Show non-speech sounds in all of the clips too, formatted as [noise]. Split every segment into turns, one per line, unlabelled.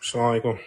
Assalamu alaikum.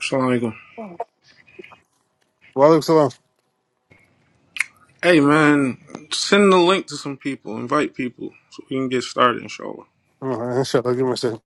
Assalamu alaikum.
Walaikum salam.
Hey man, send the link to some people. Invite people so we can get started, inshallah.
Oh, [laughs] Inshallah, give me a second.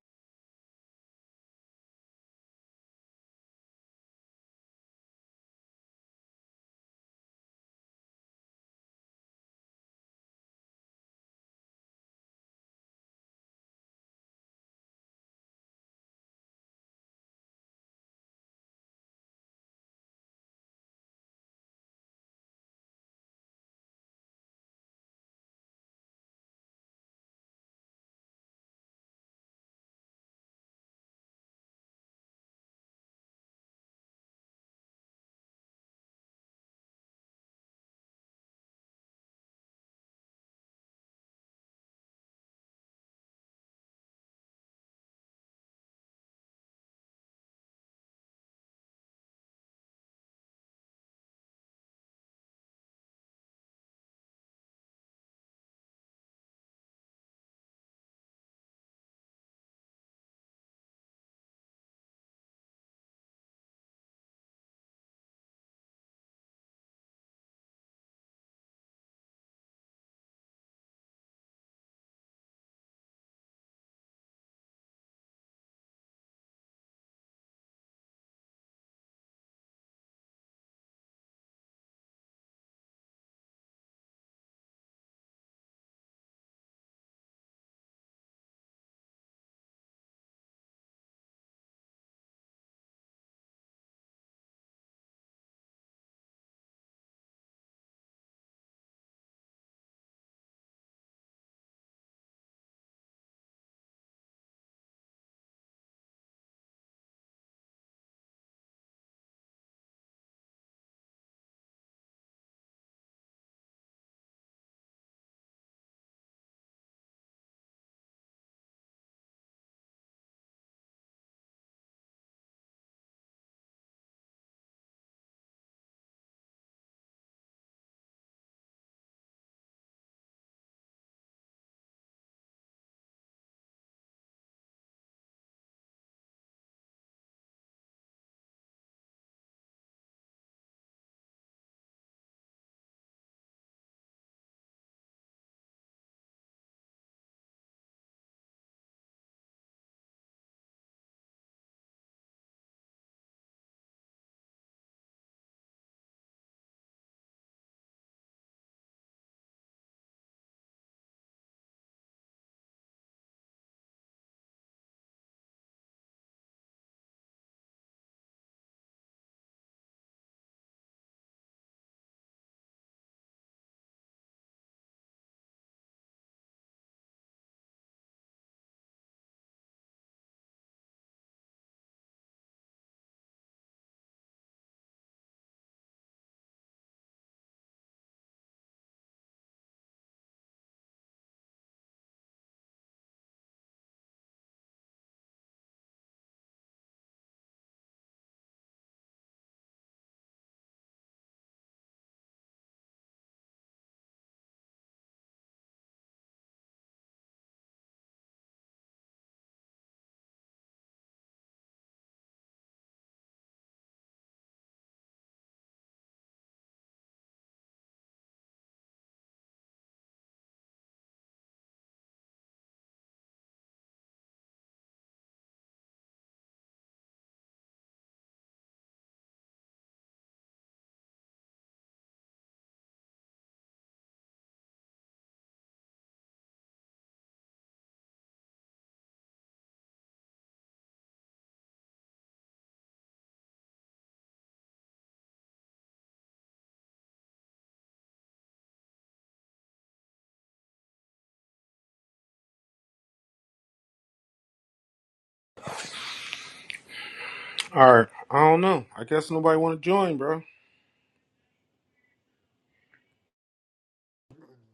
All right. I don't know. I guess nobody want to join, bro.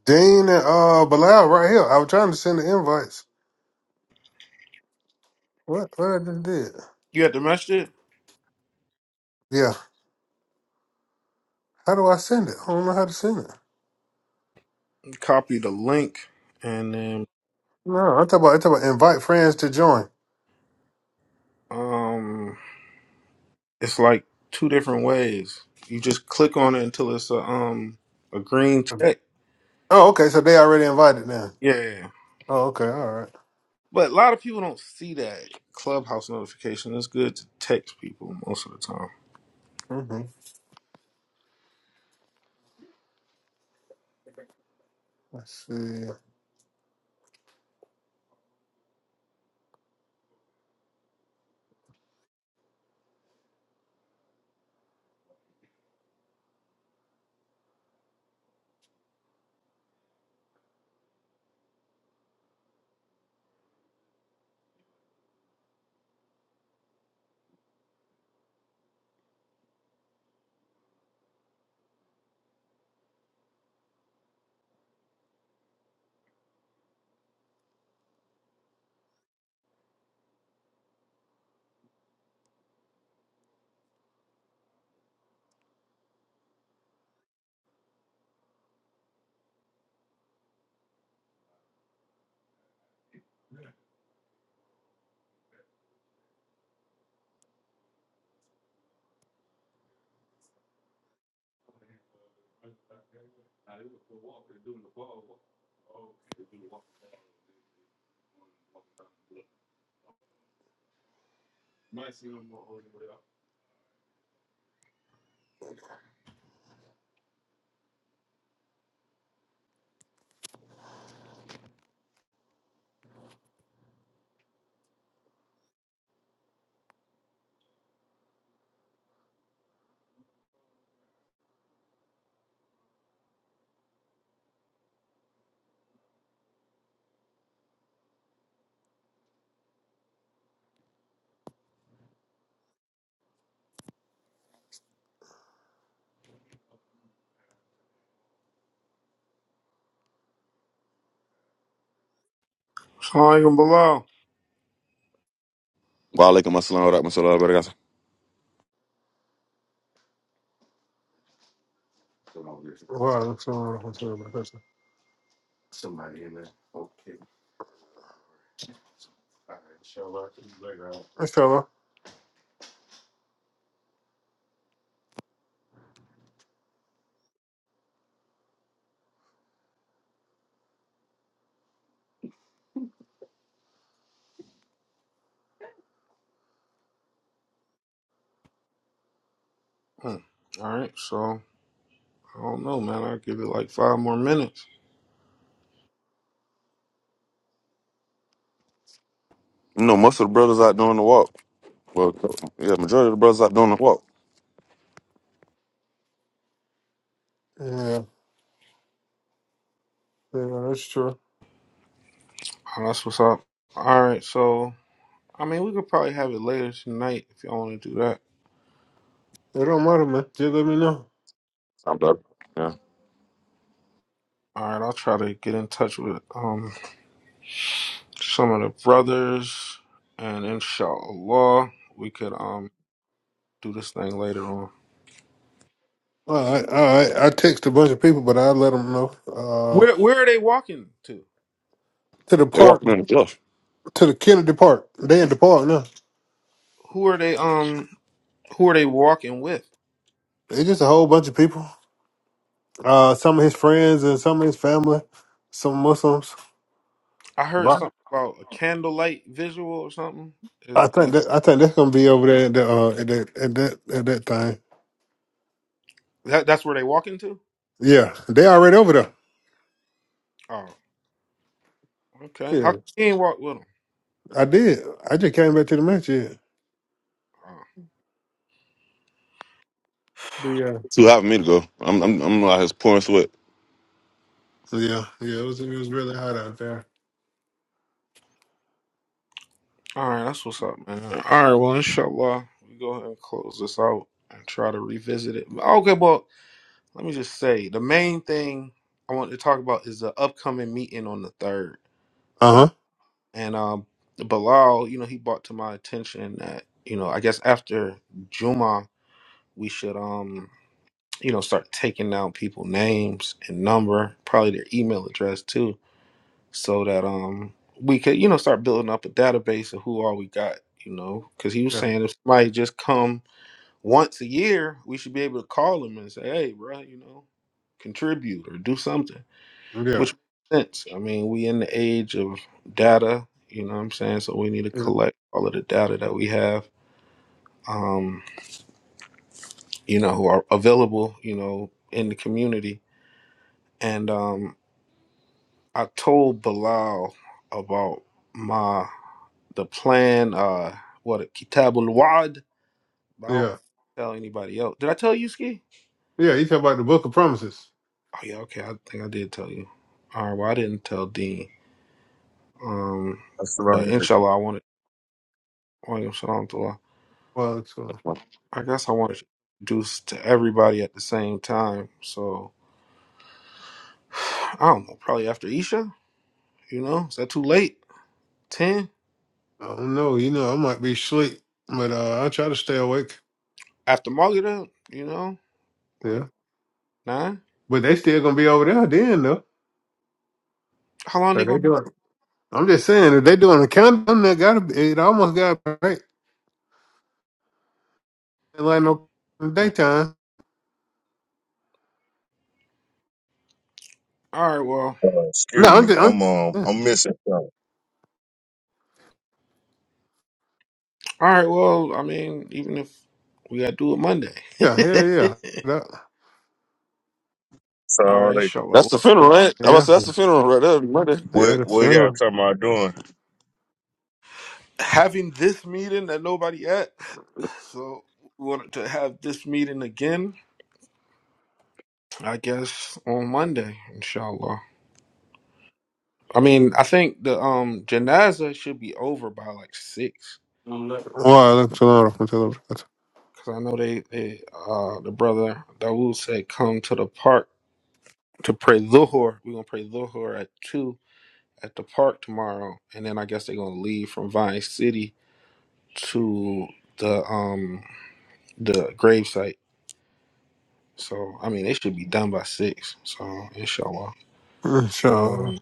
Dean and uh, Bilal right here. I was trying to send the invites. What? What I just did?
You had to message it.
Yeah. How do I send it? I don't know how to send it.
Copy the link, and then
No, I'm talking about, I'm talking about invite friends to join.
um, it's like two different ways. You just click on it until it's a um a green check.
Oh, okay. So they already invited then.
Yeah.
Oh, okay. All right.
But a lot of people don't see that clubhouse notification. It's good to text people most of the time.
Mm-hmm. Let's see.
Assalamu alaikum, Bilal.
Wa alaikum assalam wa rahmatullahi wa barakatuh.
Wow, that's not what I'm about. That's that's true.
Hmm. All right. So. I don't know, man. I'll give it like five more minutes.
No, most of the brothers out doing the walk. Well, yeah, majority of the brothers out doing the walk.
Yeah, yeah, that's true.
Oh, that's what's up. All right, so I mean, we could probably have it later tonight if y'all want to do that.
It don't matter, man. Just let me know.
I'm done. Yeah.
All right, I'll try to get in touch with um some of the brothers, and inshallah, we could um do this thing later on.
All right, all right. I text a bunch of people, but I let them know. Uh,
Where where are they walking to?
to the
They
park.
walking in the church.
to the Kennedy Park. They in the park now.
Who are they um Who are they walking with?
They just a whole bunch of people. Uh, some of his friends and some of his family, some Muslims.
I heard something about a candlelight visual or something. Is-
I think that I think that's gonna be over there at, the, uh, at that at that at that thing.
that that's where they walking to?
Yeah, they already over there.
Oh, okay. How come
Yeah,
he ain't walk with
I did. I just came back to the match. Yeah,
them?
but yeah,
Too hot for me to go. I'm, I'm, I'm out here pouring sweat.
yeah, yeah. It was it was really hot out there.
All right, that's what's up, man. All right, well, inshallah, we go ahead and close this out and try to revisit it. Okay, well, let me just say the main thing I want to talk about is the upcoming meeting on the third. Uh,
Uh huh.
and um, Bilal, you know, he brought to my attention that you know, I guess after Juma, we should um, you know, start taking down people names and number, probably their email address too so that um we could you know start building up a database of who all we got you know because he was
Yeah,
saying if somebody just come once a year we should be able to call them and say hey bro you know contribute or do something
yeah,
which makes sense i mean we in the age of data you know what i'm saying so we need to
yeah,
collect all of the data that we have um you know who are available you know in the community and um i told bilal about my the plan. Uh, what Kitabul Wad. But I don't
yeah,
tell anybody else. Did I tell you, Ski?
yeah. You talk about the Book of Promises.
Oh yeah, okay. I think I did tell you. All right. Well, I didn't tell Dean. Um,
That's the wrong
but
record.
inshallah, I wanted. William Shalom to Allah.
Well, it's, uh,
I guess I wanted to introduce to everybody at the same time. So [sighs] I don't know. Probably after Isha. You know, is that too late? Ten
I don't know. You know, I might be asleep, but uh, I try to stay awake.
after Maghrib. You know,
Yeah.
like nine.
But they still gonna be over there then though.
How long they going?
I'm just saying if they doing a countdown, that gotta be it almost got right like no
to
daytime.
All right. Well.
Uh,
No,
excuse
I'm
me.
just I'm
I'm um
yeah,
I'm missing something.
All right. Well. I mean, even if We gotta do it Monday.
yeah, hell yeah.
[laughs]
That,
So
All right,
like
That's
inshallah.
the funeral, right? I was
yeah,
that's the funeral right there. Monday.
yeah,
what
that's
what
yeah.
y'all talking about doing?
Having this meeting that nobody at, so we wanted to have this meeting again. I guess on Monday, inshallah. I mean, I think the um janaza should be over by like six,
Well, that's a lot of control.
cause I know they, they uh the brother Dawood said come to the park to pray Luhur. We're gonna pray Luhur at two at the park tomorrow, and then I guess they're gonna leave from Vine City to the um the gravesite. So I mean, they should be done by six. So inshallah,
Inshallah.
um,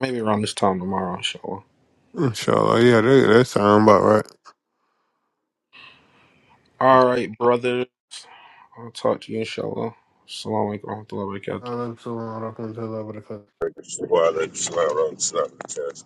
maybe around this time tomorrow, inshallah.
Inshallah. Yeah, that, that sound about right.
All right, brothers, I'll talk to you inshallah. Assalamu alaikum warahmatullahi wabarakatuh.
Well, that's a lot of control.
Before I let you slide around the slide.